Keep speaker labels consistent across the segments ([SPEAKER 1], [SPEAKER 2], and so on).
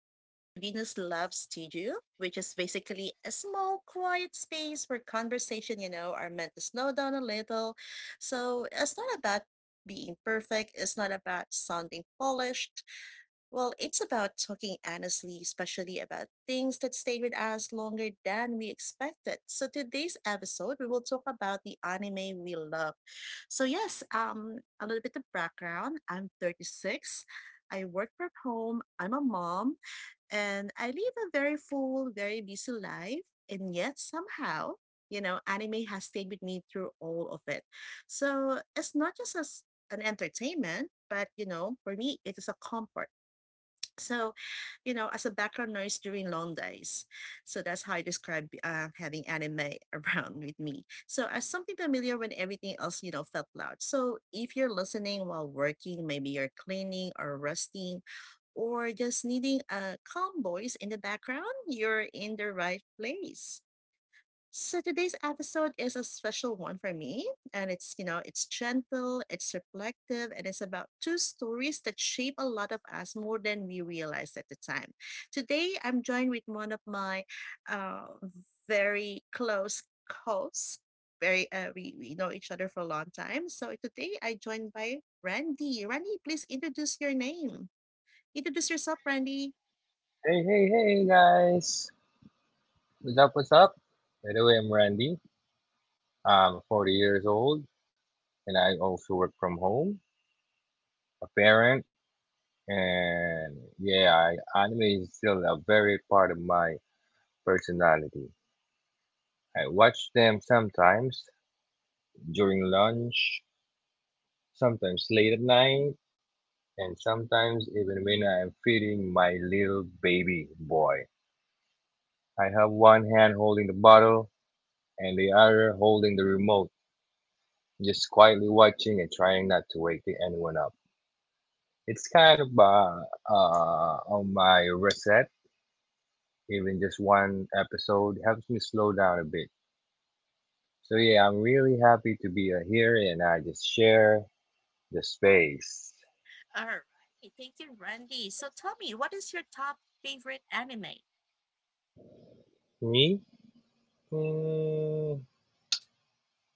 [SPEAKER 1] Welcome to Venus Love Studio, which is basically a small, quiet space where conversation, are meant to slow down a little. So it's not about being perfect, it's not about sounding polished, well, it's about talking honestly, especially about things that stayed with us longer than we expected. So today's episode, we will talk about the anime we love. So yes, a little bit of background. I'm 36. I work from home. I'm a mom, and I live a very full, very busy life. And yet somehow, anime has stayed with me through all of it. So it's not just as an entertainment, but for me, it is a comfort so, as a background noise during long days. So that's how I describe having anime around with me. So as something familiar when everything else, felt loud. So if you're listening while working, maybe you're cleaning or resting, or just needing a calm voice in the background, you're in the right place. So today's episode is a special one for me, and it's you know it's gentle, it's reflective, and it's about two stories that shape a lot of us more than we realized at the time. Today, I'm joined with one of my uh, very close hosts. Very we know each other for a long time. So today, I joined by Randy. Randy, please introduce your name. Introduce yourself, Randy.
[SPEAKER 2] Hey, hey, hey, guys. What's up? What's up? By the way, I'm Randy. I'm 40 years old and I also work from home, a parent, and yeah, I, anime is still a very part of my personality. I watch them sometimes during lunch, sometimes late at night, and sometimes even when I'm feeding my little baby boy. I have one hand holding the bottle and the other holding the remote, just quietly watching and trying not to wake anyone up. It's kind of on my reset. Even just one episode helps me slow down a bit. So yeah, I'm really happy to be here, and I just share the space.
[SPEAKER 1] All right. Thank you, Randy. So tell me, what is your top favorite anime?
[SPEAKER 2] Me, mm,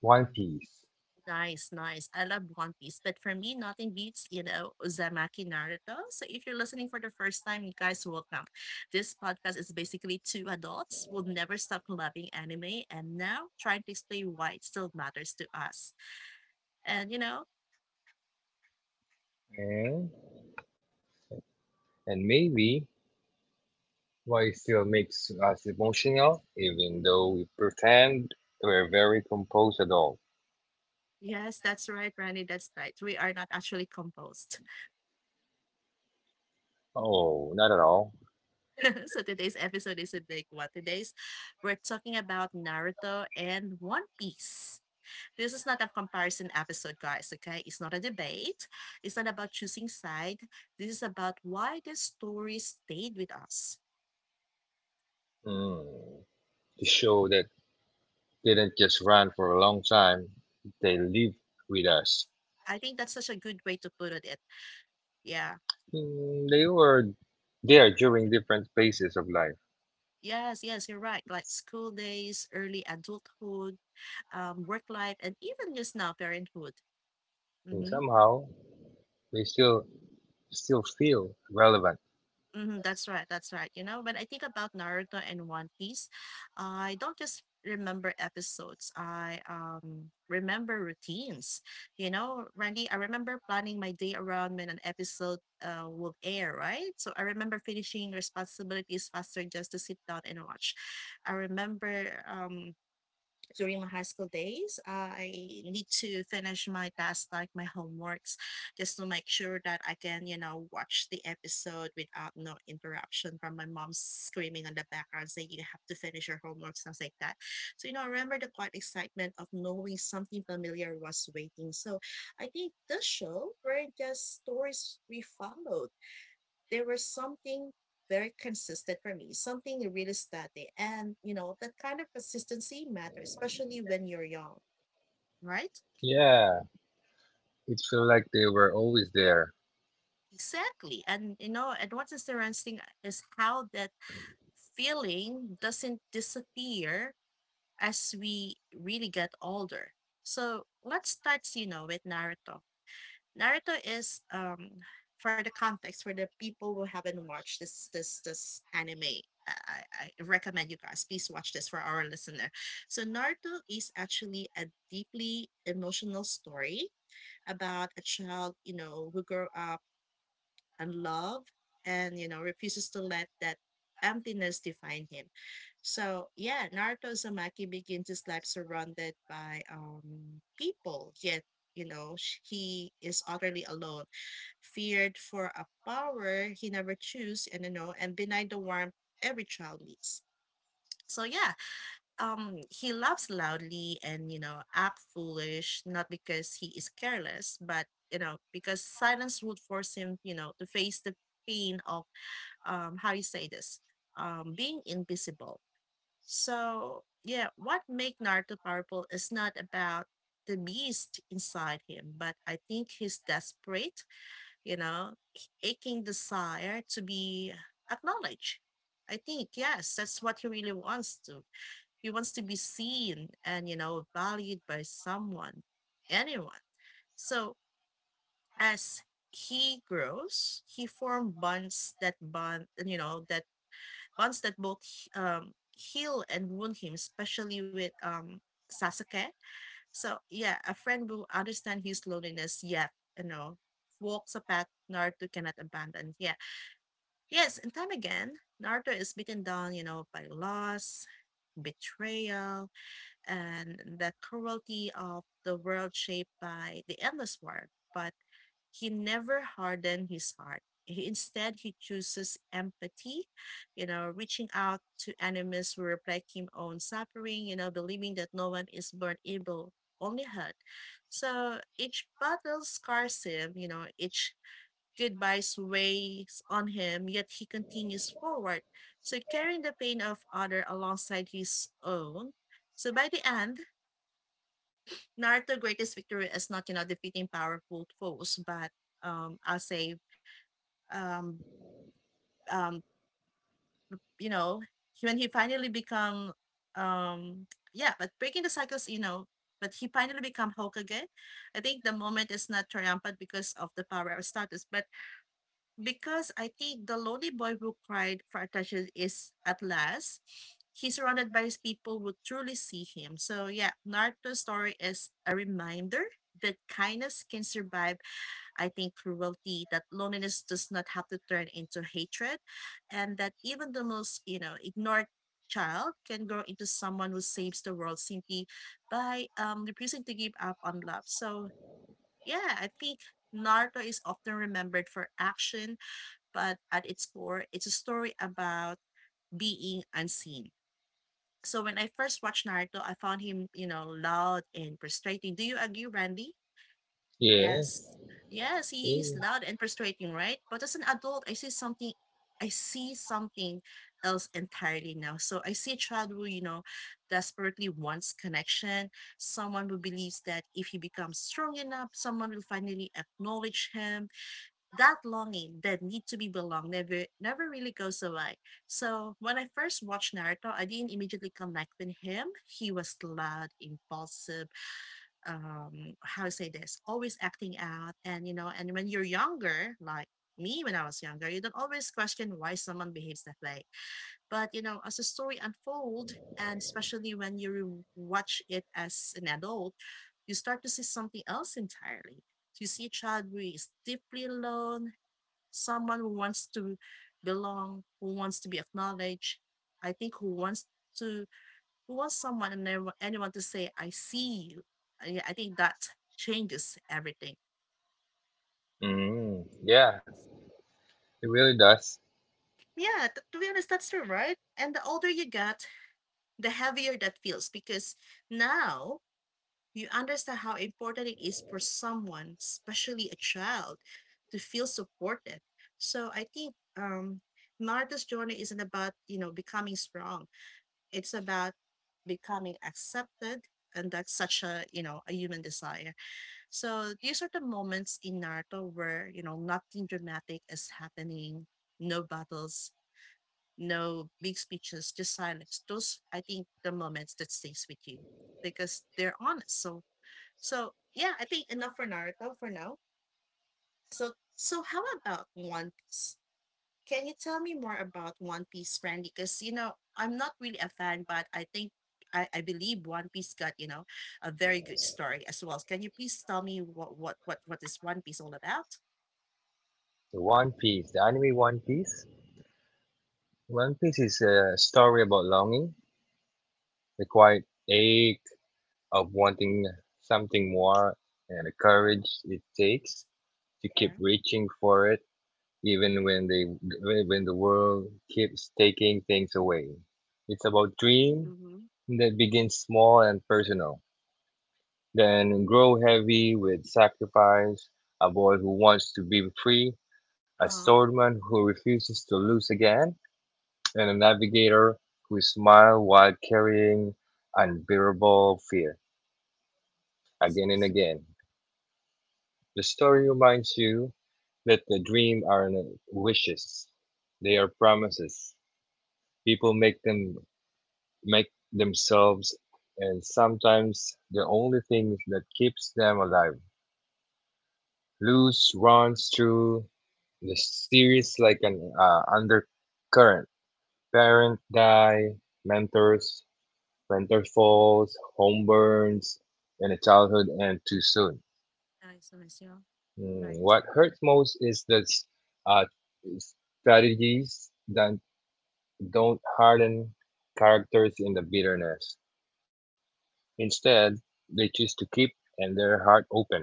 [SPEAKER 2] One Piece,
[SPEAKER 1] Nice, nice. I love One Piece, but for me, nothing beats, Uzumaki Naruto. So if you're listening for the first time, you guys welcome. This podcast is basically two adults who never stop loving anime and now trying to explain why it still matters to us. And you know,
[SPEAKER 2] and and maybe why it still makes us emotional, even though we pretend we're very composed at all.
[SPEAKER 1] yes, that's right, Brandy, that's right. We are not actually composed.
[SPEAKER 2] Oh, not at all.
[SPEAKER 1] So today's episode is a big one. Today's We're talking about Naruto and One Piece. This is not a comparison episode, guys, okay? It's not a debate. It's not about choosing side. This is about why the story stayed with us.
[SPEAKER 2] Mm. The show that didn't just run for a long time, they lived with us.
[SPEAKER 1] I think that's such a good way to put it. Yeah.
[SPEAKER 2] Mm, they were there during different phases of life,
[SPEAKER 1] Yes, yes, you're right. Like school days, early adulthood, work life, and even just now, parenthood.
[SPEAKER 2] and
[SPEAKER 1] Mm-hmm.
[SPEAKER 2] somehow they still feel relevant.
[SPEAKER 1] Mm-hmm, that's right. That's right. You know, when I think about Naruto and One Piece, I don't just remember episodes. I remember routines. You know, Randy, I remember planning my day around when an episode will air, right? So I remember finishing responsibilities faster just to sit down and watch. I remember during my high school days, I need to finish my tasks like my homeworks just to make sure that I can, watch the episode without no interruption from my mom screaming on the background saying you have to finish your homework, stuff like that. So, I remember the quiet excitement of knowing something familiar was waiting. So I think this show were just stories we followed, there was something very consistent for me, something really steady. And, that kind of consistency matters, especially when you're young, right?
[SPEAKER 2] Yeah, it felt like they were always there,
[SPEAKER 1] Exactly. And what is interesting is how that feeling doesn't disappear as we really get older. So let's start, with Naruto. Naruto is for the context for the people who haven't watched this anime. I recommend you guys please watch this for our listener. So Naruto is actually a deeply emotional story about a child, who grew up and love and refuses to let that emptiness define him. So yeah, Naruto Uzumaki begins his life surrounded by people, yet, he is utterly alone, feared for a power he never chose, and you know and denied the warmth every child needs. So yeah, he laughs loudly and, act foolish, not because he is careless but, because silence would force him, to face the pain of how you say this being invisible. So yeah, what make Naruto powerful is not about the beast inside him, but I think his desperate, aching desire to be acknowledged. I think, yes, that's what he really wants to. He wants to be seen and, valued by someone, anyone. So as he grows, he form bonds, that bond, you know, that bonds that both heal and wound him, especially with Sasuke. So yeah, a friend who understand his loneliness yet, you know, walks a path Naruto cannot abandon. Yeah. Yes, and time again, Naruto is beaten down, by loss, betrayal, and the cruelty of the world shaped by the endless war. But he never hardened his heart. He, instead, he chooses empathy, reaching out to enemies who reflect his own suffering, believing that no one is born evil, only hurt. So each battle scars him, each goodbyes weighs on him, yet he continues forward, so carrying the pain of other alongside his own. So by the end, Naruto's greatest victory is not, defeating powerful foes, but I'll say, um, um, you know, when he finally become, um, yeah, but breaking the cycles, but he finally become Hokage. I think the moment is not triumphant because of the power of status, but because I think the lonely boy who cried for attention is at last. He's surrounded by his people who truly see him. So yeah, Naruto's story is a reminder that kindness can survive, I think, cruelty, that loneliness does not have to turn into hatred, and that even the most, ignored child can grow into someone who saves the world simply by refusing to give up on love. So yeah, I think Naruto is often remembered for action, but at its core, it's a story about being unseen. So when I first watched Naruto, I found him, loud and frustrating. Do you agree, Randy? Yeah. Yes. Yes, he is loud and frustrating, right? But as an adult, I see something else entirely now. So I see a child who, desperately wants connection, someone who believes that if he becomes strong enough, someone will finally acknowledge him, that longing, that need to be belonged, never really goes away. So when I first watched Naruto, I didn't immediately connect with him. He was loud, impulsive, how to say this, always acting out, and when you're younger, like me when I was younger, you don't always question why someone behaves that way. But as the story unfolds, and especially when you watch it as an adult, you start to see something else entirely. You see a child who is deeply alone, someone who wants to belong, who wants to be acknowledged. I think who wants to who wants someone and anyone to say, "I see you." Yeah, I think that changes everything.
[SPEAKER 2] them. Mm. Yeah, it really does.
[SPEAKER 1] Yeah, to be honest, that's true, right? And the older you get, the heavier that feels because now you understand how important it is for someone, especially a child, to feel supported. So I think Naruto's journey isn't about becoming strong. It's about becoming accepted, and that's such a a human desire. So these are the moments in Naruto where nothing dramatic is happening, no battles, no big speeches, just silence. Those I think the moments that stays with you because they're honest. So so yeah, I think enough for Naruto for now. So so how about One Piece? Can you tell me more about One Piece, friend? Because I'm not really a fan, but I believe One Piece got a very good story as well. Can you please tell me what is One Piece all about?
[SPEAKER 2] The One Piece, the anime One Piece. One Piece is a story about longing, the quiet ache of wanting something more, and the courage it takes to keep
[SPEAKER 1] Yeah.
[SPEAKER 2] reaching for it, even when the world keeps taking things away. It's about dream
[SPEAKER 1] Mm-hmm.
[SPEAKER 2] that begins small and personal, then grow heavy with sacrifice, a boy who wants to be free, a
[SPEAKER 1] Uh huh.
[SPEAKER 2] swordman who refuses to lose again, and a navigator who smiled while carrying unbearable fear. Again and again. The story reminds you that the dream aren't wishes. They are promises. People make them make themselves and sometimes the only thing that keeps them alive. Luz runs through the series like an undercurrent. Parent die, mentors, mentor falls, home burns, and a childhood end too soon.
[SPEAKER 1] Nice, nice, yeah.
[SPEAKER 2] Mm.
[SPEAKER 1] Right,
[SPEAKER 2] What hurts most is the uh, strategies that don't harden characters in the bitterness. Instead, they choose to keep and their heart open.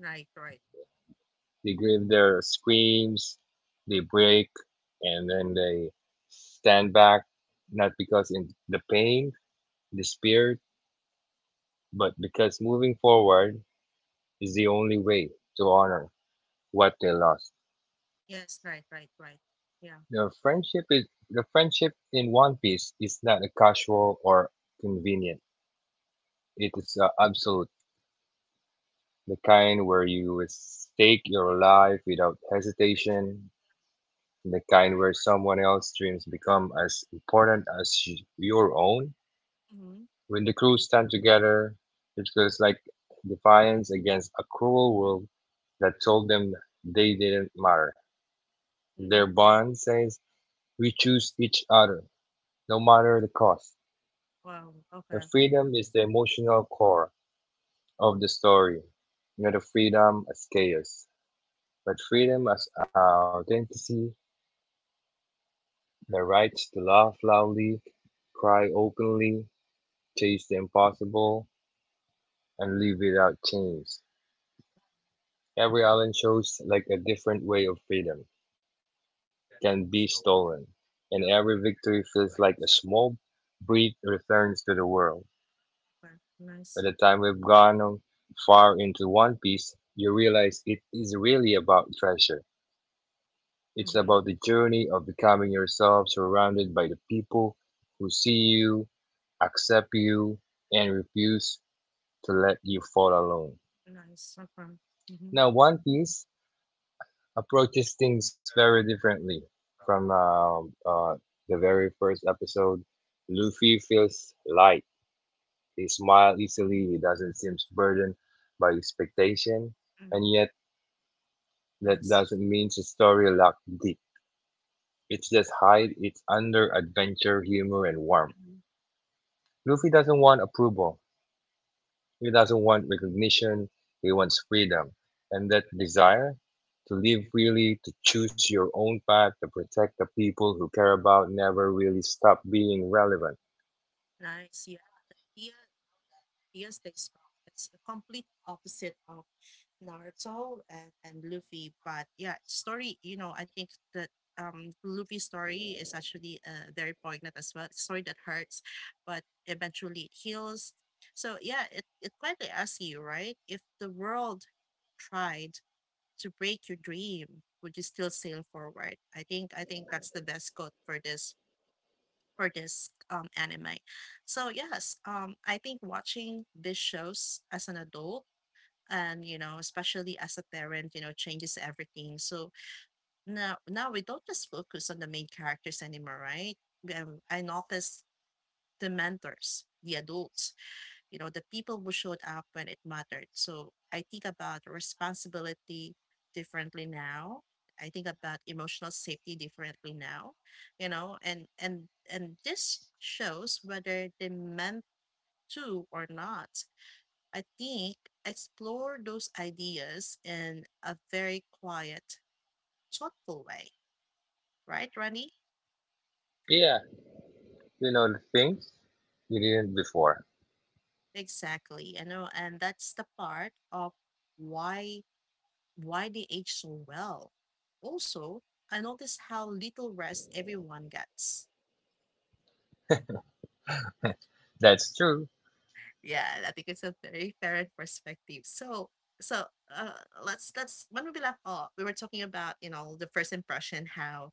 [SPEAKER 1] right, right.
[SPEAKER 2] They give their screams, they break, and then they stand back, not because in the pain, despair, but because moving forward is the only way to honor what they lost.
[SPEAKER 1] Yes, right, right, right. Yeah.
[SPEAKER 2] The friendship in One Piece is not a casual or convenient. It is absolute, the kind where you stake your life without hesitation, the kind where someone else's dreams become as important as your own.
[SPEAKER 1] Mm-hmm.
[SPEAKER 2] When the crew stand together, it feels like defiance against a cruel world that told them they didn't matter. Their
[SPEAKER 1] Mm-hmm. Yeah.
[SPEAKER 2] bond says, "We choose each other, no matter the cost."
[SPEAKER 1] Wow. Okay.
[SPEAKER 2] The freedom
[SPEAKER 1] Mhm.
[SPEAKER 2] is the emotional core of the story. Not the freedom as chaos, but freedom as our authenticity, the right to laugh loudly, cry openly, chase the impossible, and live without chains. Every
[SPEAKER 1] Okay.
[SPEAKER 2] island shows like a different way of freedom can be stolen, and every victory feels like a small breath returns to the world. By
[SPEAKER 1] Nice.
[SPEAKER 2] the time we've gone on far into One Piece, you realize it is really about treasure. It's about the
[SPEAKER 1] Mm-hmm.
[SPEAKER 2] journey of becoming yourself surrounded by the people who see you, accept you, and refuse to let you fall alone.
[SPEAKER 1] Nice. Okay.
[SPEAKER 2] Now,
[SPEAKER 1] Mm-hmm.
[SPEAKER 2] One Piece approaches things very differently from the very first episode. Luffy feels light. He smiles easily. He doesn't seem burdened by expectation. And
[SPEAKER 1] Mm-hmm.
[SPEAKER 2] yet, that
[SPEAKER 1] Nice.
[SPEAKER 2] doesn't mean the story lacked deep. It just hides it's under adventure, humor, and warmth.
[SPEAKER 1] Hmm.
[SPEAKER 2] Luffy doesn't want approval. He doesn't want recognition. He wants freedom. And that desire to live freely, to choose your own path, to protect the people who care about never really stop being relevant.
[SPEAKER 1] Nice. Yeah. The Tia, Tia stays strong. It's a complete opposite of Naruto and, Luffy. But yeah, story, I think that Luffy's story is actually very poignant as well. It's story that hurts, but eventually it heals. So yeah, it quietly asks you, right? If the world tried to break your dream, would you still sail forward? I think that's the best quote for this anime. So yes, I think watching these shows as an adult and you know especially as a parent you know changes everything. So now we don't just focus on the main characters anymore, right? I noticed the mentors, the adults, you know, the people who showed up when it mattered. So I think about responsibility differently now. I think about emotional safety differently now. You know, and this shows, whether they meant to or not, I think explore those ideas in a very quiet, thoughtful way, right, Randy?
[SPEAKER 2] Yeah, you know the things you didn't before.
[SPEAKER 1] Exactly. You know, and that's the part of why why they age so well. Also, I noticed how little rest everyone gets.
[SPEAKER 2] That's true.
[SPEAKER 1] Yeah, I think it's a very fair perspective. So, so uh, let's when we left off, we were talking about you know the first impression, how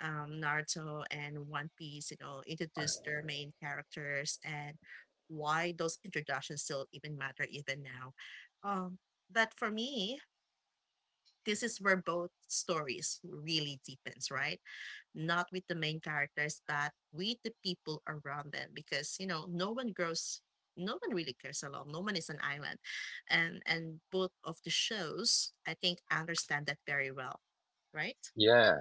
[SPEAKER 1] Naruto and One Piece, you know, introduced their main characters and why those introductions still even matter even now. Um, but for me, this is where both stories really deepens, right? Not with the main characters, but with the people around them, because you know, no one grows, no one really cares alone. No one is an island, and both of the shows, I think, understand that very well, right?
[SPEAKER 2] Yeah.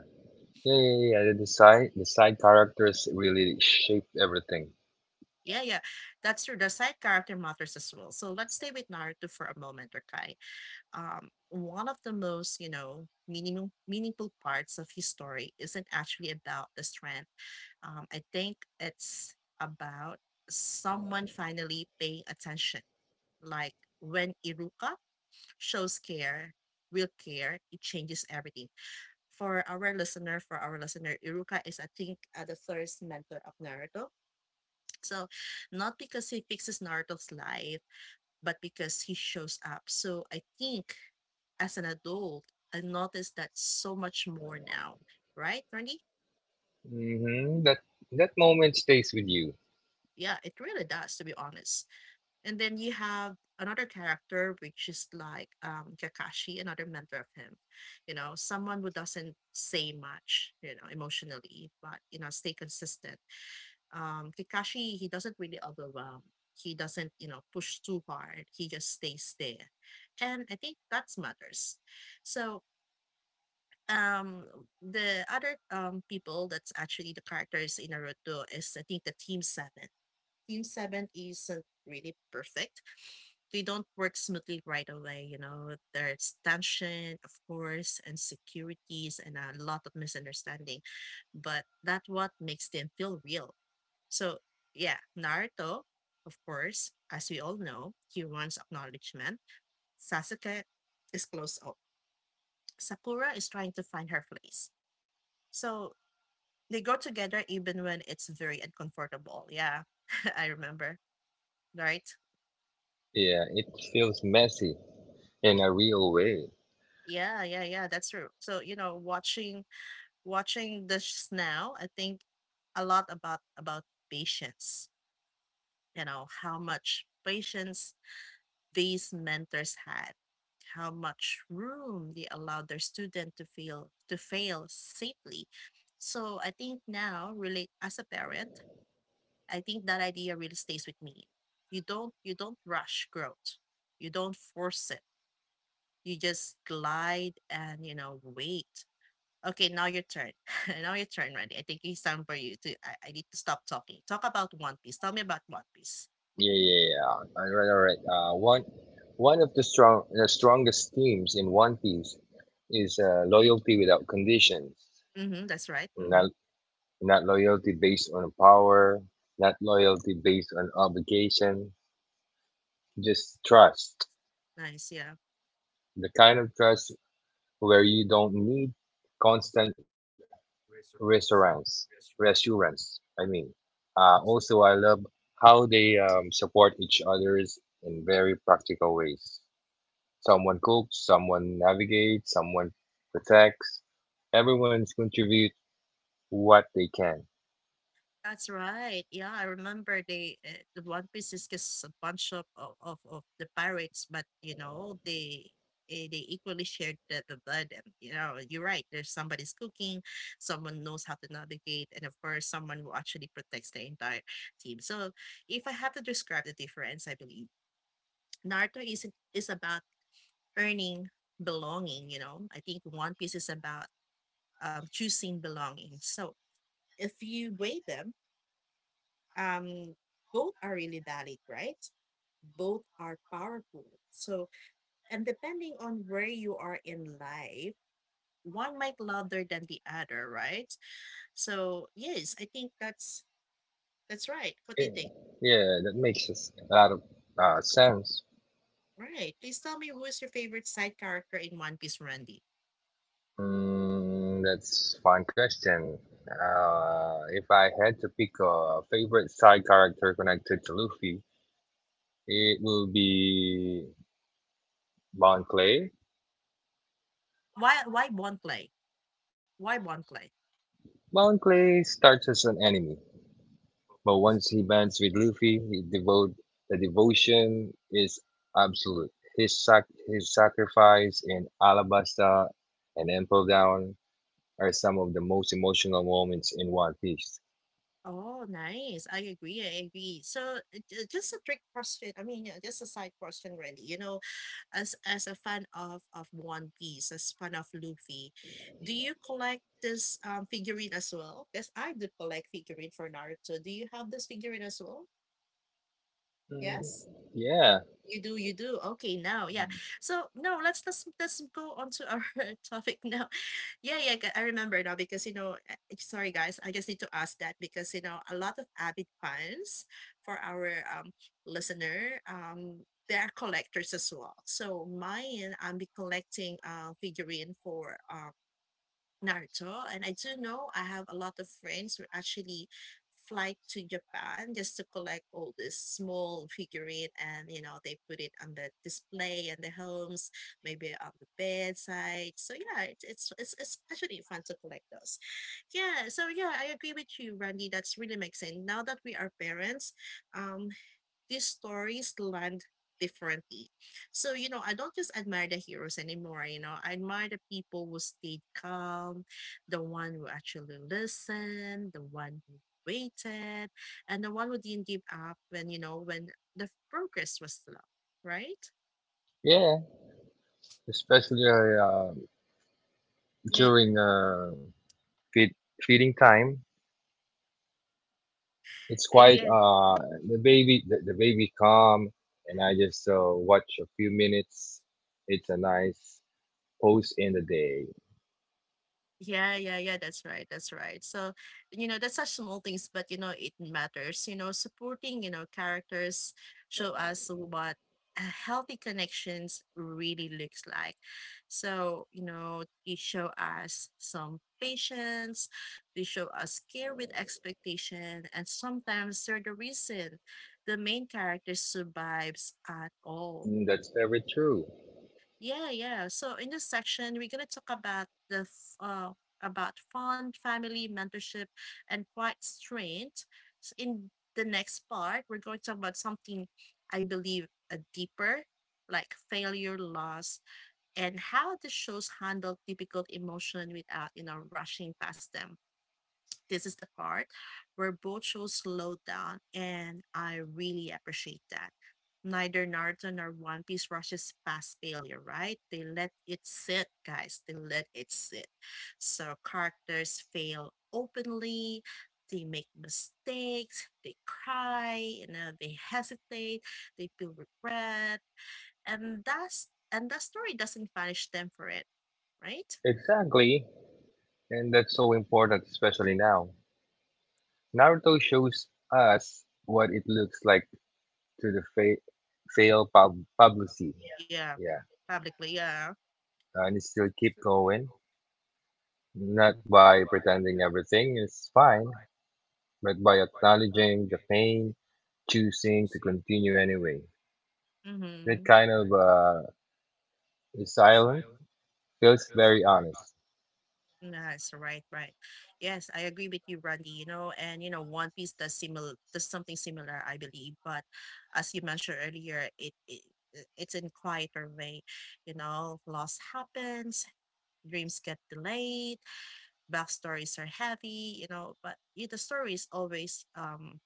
[SPEAKER 2] Yeah, yeah, yeah. The side characters really shaped everything.
[SPEAKER 1] Yeah, yeah, that's true. The side character matters as well. So let's stay with Naruto for a moment, okay? One of the most, you know, meaningful parts of his story isn't actually about the strength. I think it's about someone finally paying attention. Like when Iruka shows care, real care, it changes everything. For our listener, Iruka is, I think, the first mentor of Naruto. So, not because he fixes Naruto's life, but because he shows up. So, I think as an adult, I noticed that so much more now, right, Randy?
[SPEAKER 2] Hmm. That that moment stays with you.
[SPEAKER 1] Yeah, it really does, to be honest. And then you have another character, which is like Kakashi, another mentor of him. You know, someone who doesn't say much, you know, emotionally, but, you know, stay consistent. Kakashi, he doesn't really overwhelm. He doesn't, you know, push too hard. He just stays there, and I think that matters. So um, the other people that's actually the characters in Naruto is I think the Team Seven. Team Seven isn't really perfect. They don't work smoothly right away. You know, there's tension, of course, and securities, and a lot of misunderstanding, but that's what makes them feel real. So yeah, Naruto, of course, as we all know, he wants acknowledgement. Sasuke is close up. Sakura is trying to find her place. So they go together even when it's very uncomfortable. Yeah, I remember. Right?
[SPEAKER 2] Yeah, it feels messy in a real way.
[SPEAKER 1] Yeah, yeah, yeah. That's true. So you know, watching this now, I think a lot about patience. You know how much patience these mentors had, how much room they allowed their student to feel to fail safely. So I think now, really, as a parent, I think that idea really stays with me. You don't rush growth. You don't force it. You just glide and you know wait. Okay, now your turn. Now your turn, Randy. I think it's time for you to. I need to stop talking. Talk about One Piece. Tell me about One Piece.
[SPEAKER 2] Yeah, yeah, yeah. All right, all right. One of the strongest themes in One Piece is loyalty without conditions.
[SPEAKER 1] Mm-hmm, that's right. Mm-hmm.
[SPEAKER 2] Not, not loyalty based on power, not loyalty based on obligation. Just trust.
[SPEAKER 1] Nice. Yeah.
[SPEAKER 2] The kind of trust where you don't need constant reassurance. reassurance. Also, I love how they support each others in very practical ways. Someone cooks, someone navigates, someone protects. Everyone's contribute what they can.
[SPEAKER 1] That's right. Yeah, I remember they the One Piece is just a bunch of the pirates, but you know they. They equally shared the burden. You know, you're right. There's somebody's cooking, someone knows how to navigate, and of course, someone who actually protects the entire team. So, if I have to describe the difference, I believe Naruto is about earning belonging. You know, I think One Piece is about choosing belonging. So, if you weigh them, um, both are really valid, right? Both are powerful. So, and depending on where you are in life, one might louder than the other, right? So, yes, I think that's right. What do you
[SPEAKER 2] Eh,
[SPEAKER 1] think?
[SPEAKER 2] Yeah, that makes a lot of sense.
[SPEAKER 1] Right. Please tell me who is your favorite side character in One Piece, Randy?
[SPEAKER 2] Mm, that's fun question. If I had to pick a favorite side character connected to Luffy, it will be Bon Clay.
[SPEAKER 1] Why Bonflay? Why Bonflay?
[SPEAKER 2] Bon Clay starts as an enemy, but once he bands with Luffy, he devote the devotion is absolute. His sacrifice in Alabasta and Impel Down are some of the most emotional moments in One Piece.
[SPEAKER 1] Oh, nice. I agree. I agree. So, just a trick question. I mean, just a side question, Randy. You know, as a fan of One Piece, as fan of Luffy, do you collect this figurine as well? Because I do collect figurine for Naruto. Do you have this figurine as well? Yes.
[SPEAKER 2] Yeah,
[SPEAKER 1] You do, you do. Okay, now, yeah. So no, let's go on to our topic now. Yeah, yeah, I remember now because you know, sorry guys, I just need to ask that because you know, a lot of avid fans for our listener, they are collectors as well. So mine, I'm be collecting figurine for Naruto, and I do know I have a lot of friends who actually fly to Japan just to collect all this small figurine and you know they put it on the display in the homes, maybe on the bedside. So yeah, it's actually fun to collect those. Yeah, so yeah, I agree with you, Randy. That's really makes sense. Now that we are parents, um, these stories land differently. So, you know, I don't just admire the heroes anymore, you know, I admire the people who stayed calm, the one who actually listened, the one who waited, and the one who didn't give up when, you know, when the progress was slow, right?
[SPEAKER 2] yeah, especially
[SPEAKER 1] You,
[SPEAKER 2] during feed, feeding time. It's
[SPEAKER 1] I
[SPEAKER 2] quite
[SPEAKER 1] yeah,
[SPEAKER 2] the baby, the baby calm and I just watch a few minutes. It's a nice pose in the day.
[SPEAKER 1] yeah, yeah, yeah, that's right. That's right. So, you know, that's such small things, but you know, it matters. You know, supporting, you know, characters show us what a healthy connections really looks like. So, you know, they show us some patience, they show us care with expectation, and sometimes they're the reason the main character survives at all.
[SPEAKER 2] Mm. That's very true.
[SPEAKER 1] Yeah, yeah. So in this section, we're gonna talk about about fun, family, mentorship, and quiet strength. In the next part, we're going to talk about something I believe a deeper, like failure, loss, and how the shows handle difficult emotion without you know rushing past them. This is the part where both shows slowed down, and I really appreciate that. Neither Naruto nor One Piece rushes past failure, right? They let it sit, guys. They let it sit. So characters fail openly, they make mistakes, they cry, you know, they hesitate, they feel regret, and that story doesn't punish them for it, right?
[SPEAKER 2] Exactly. And that's so important, especially now. Naruto shows us what it looks like to fail publicity. Yeah.
[SPEAKER 1] Yeah,
[SPEAKER 2] Yeah.
[SPEAKER 1] publicly, yeah.
[SPEAKER 2] And still keep going, not by pretending everything is fine, but by acknowledging the pain, choosing to continue anyway.
[SPEAKER 1] Mm-hmm.
[SPEAKER 2] That kind of silence feels very honest.
[SPEAKER 1] Yes, right, right. Yes, I agree with you, Brandy. You know, and you know, One Piece does similar does something similar, I believe. But as you mentioned earlier, it's in quieter way. You know, loss happens, dreams get delayed, backstories are heavy. You know, but the stories always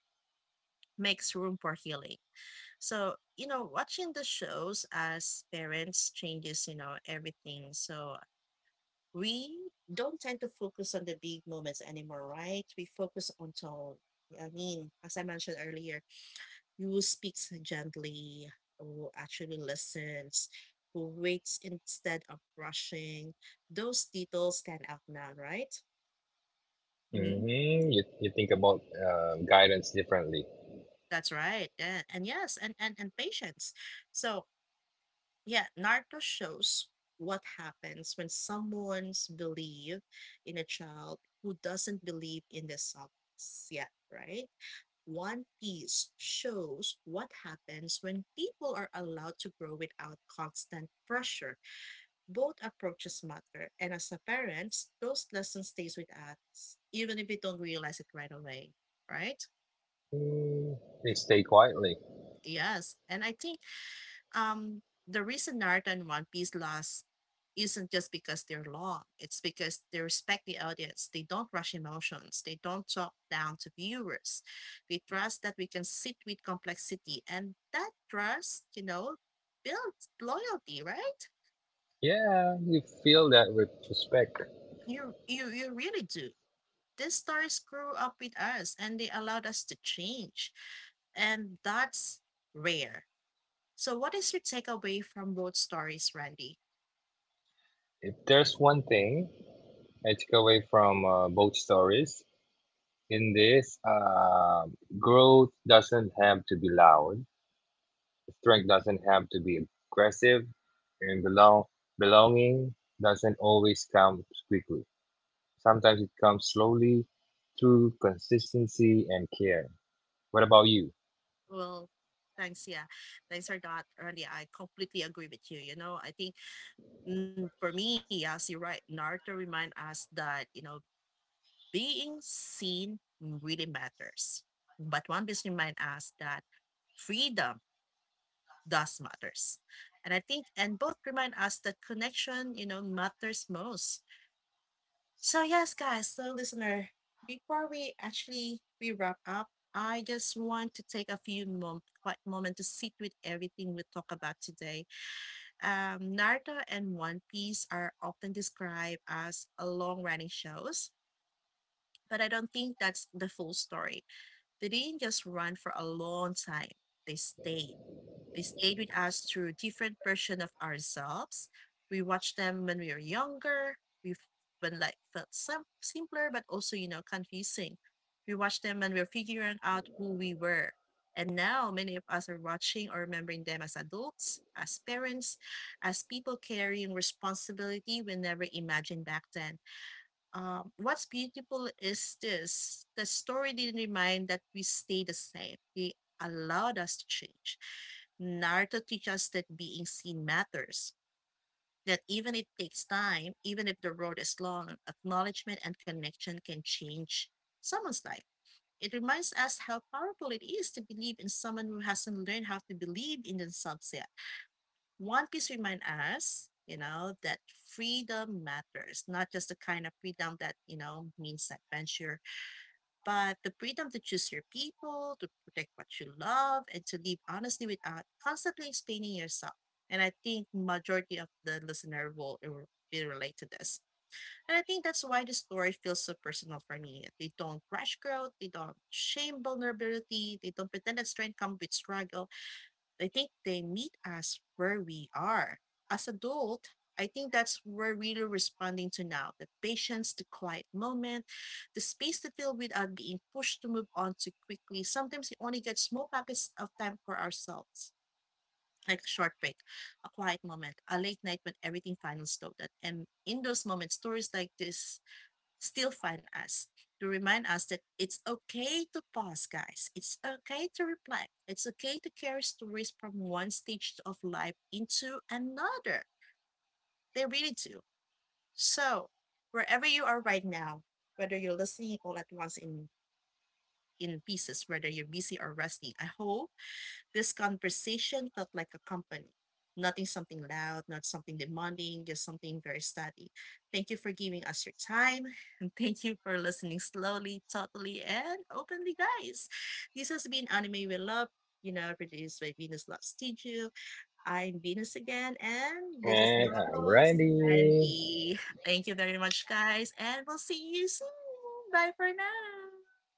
[SPEAKER 1] makes room for healing. So you know, watching the shows as parents changes you know everything. So we don't tend to focus on the big moments anymore, right? We focus on tone. I mean, as I mentioned earlier, who speaks gently, who actually listens, who waits instead of rushing. Those details stand out now, right? Mm-hmm.
[SPEAKER 2] Hmm. You think about guidance differently.
[SPEAKER 1] That's right. And yes, and patience. So, yeah, Naruto shows what happens when someone's believe in a child who doesn't believe in themselves yet, right? One Piece shows what happens when people are allowed to grow without constant pressure. Both approaches matter, and as a parents, those lessons stays with us, even if we don't realize it right away, right?
[SPEAKER 2] Mm, they stay quietly.
[SPEAKER 1] Yes, and I think Um, the reason Naruto and One Piece last isn't just because they're long. It's because they respect the audience. They don't rush emotions. They don't talk down to viewers. They trust that we can sit with complexity, and that trust, you know, builds loyalty, right?
[SPEAKER 2] Yeah, you feel that with respect.
[SPEAKER 1] You really do. These stories grew up with us, and they allowed us to change, and that's rare. So, what is your takeaway from both stories, Randy?
[SPEAKER 2] If there's one thing I took away from both stories, in this, growth doesn't have to be loud. Strength doesn't have to be aggressive, and belonging doesn't always come quickly. Sometimes it comes slowly through consistency and care. What about you?
[SPEAKER 1] Well, thanks. Yeah, thanks for that, Randy. I completely agree with you. You know, I think mm, for me, yes, you're right. Naruto remind us that you know being seen really matters, but One Piece remind us that freedom does matters, and I think and both remind us that connection you know matters most. So yes, guys, so listener, before we wrap up, I just want to take a few quiet moment to sit with everything we talk about today. Naruto and One Piece are often described as a long-running shows, but I don't think that's the full story. They didn't just run for a long time; they stayed. They stayed with us through different version of ourselves. We watched them when we were younger. We f- when life felt simpler, but also you know confusing. We watched them when we were figuring out who we were. And now many of us are watching or remembering them as adults, as parents, as people carrying responsibility we never imagined back then. What's beautiful is this the story didn't remind that we stay the same. They allowed us to change. Naruto teaches us that being seen matters, that even it takes time, even if the road is long, acknowledgement and connection can change someone's life. It reminds us how powerful it is to believe in someone who hasn't learned how to believe in themselves. One Piece remind us, you know, that freedom matters, not just the kind of freedom that, you know, means adventure, but the freedom to choose your people, to protect what you love, and to live honestly without constantly explaining yourself. And I think majority of the listener will be relate to this. And I think that's why the story feels so personal for me. They don't rush growth, they don't shame vulnerability, they don't pretend that strength comes with struggle. I think they meet us where we are. As adult, I think that's we're really responding to now. The patience, the quiet moment, the space to feel without being pushed to move on too quickly. Sometimes we only get small pockets of time for ourselves, like a short break, a quiet moment, a late night when everything finally slowed down. And in those moments, stories like this still find us to remind us that it's okay to pause, guys. It's okay to reflect. It's okay to carry stories from one stage of life into another. They really do. So, wherever you are right now, whether you're listening all at once in pieces, whether you're busy or resting, I hope this conversation felt like a company, nothing something loud, not something demanding, just something very steady. Thank you for giving us your time. And thank you for listening slowly, thoughtfully, and openly, guys. This has been Anime We Love, you know, produced by Venus Love Studio. I'm Venus again, and this is my
[SPEAKER 2] And I'm
[SPEAKER 1] co-host,
[SPEAKER 2] ready.
[SPEAKER 1] Randy. Thank you very much, guys, and we'll see you soon. Bye for now.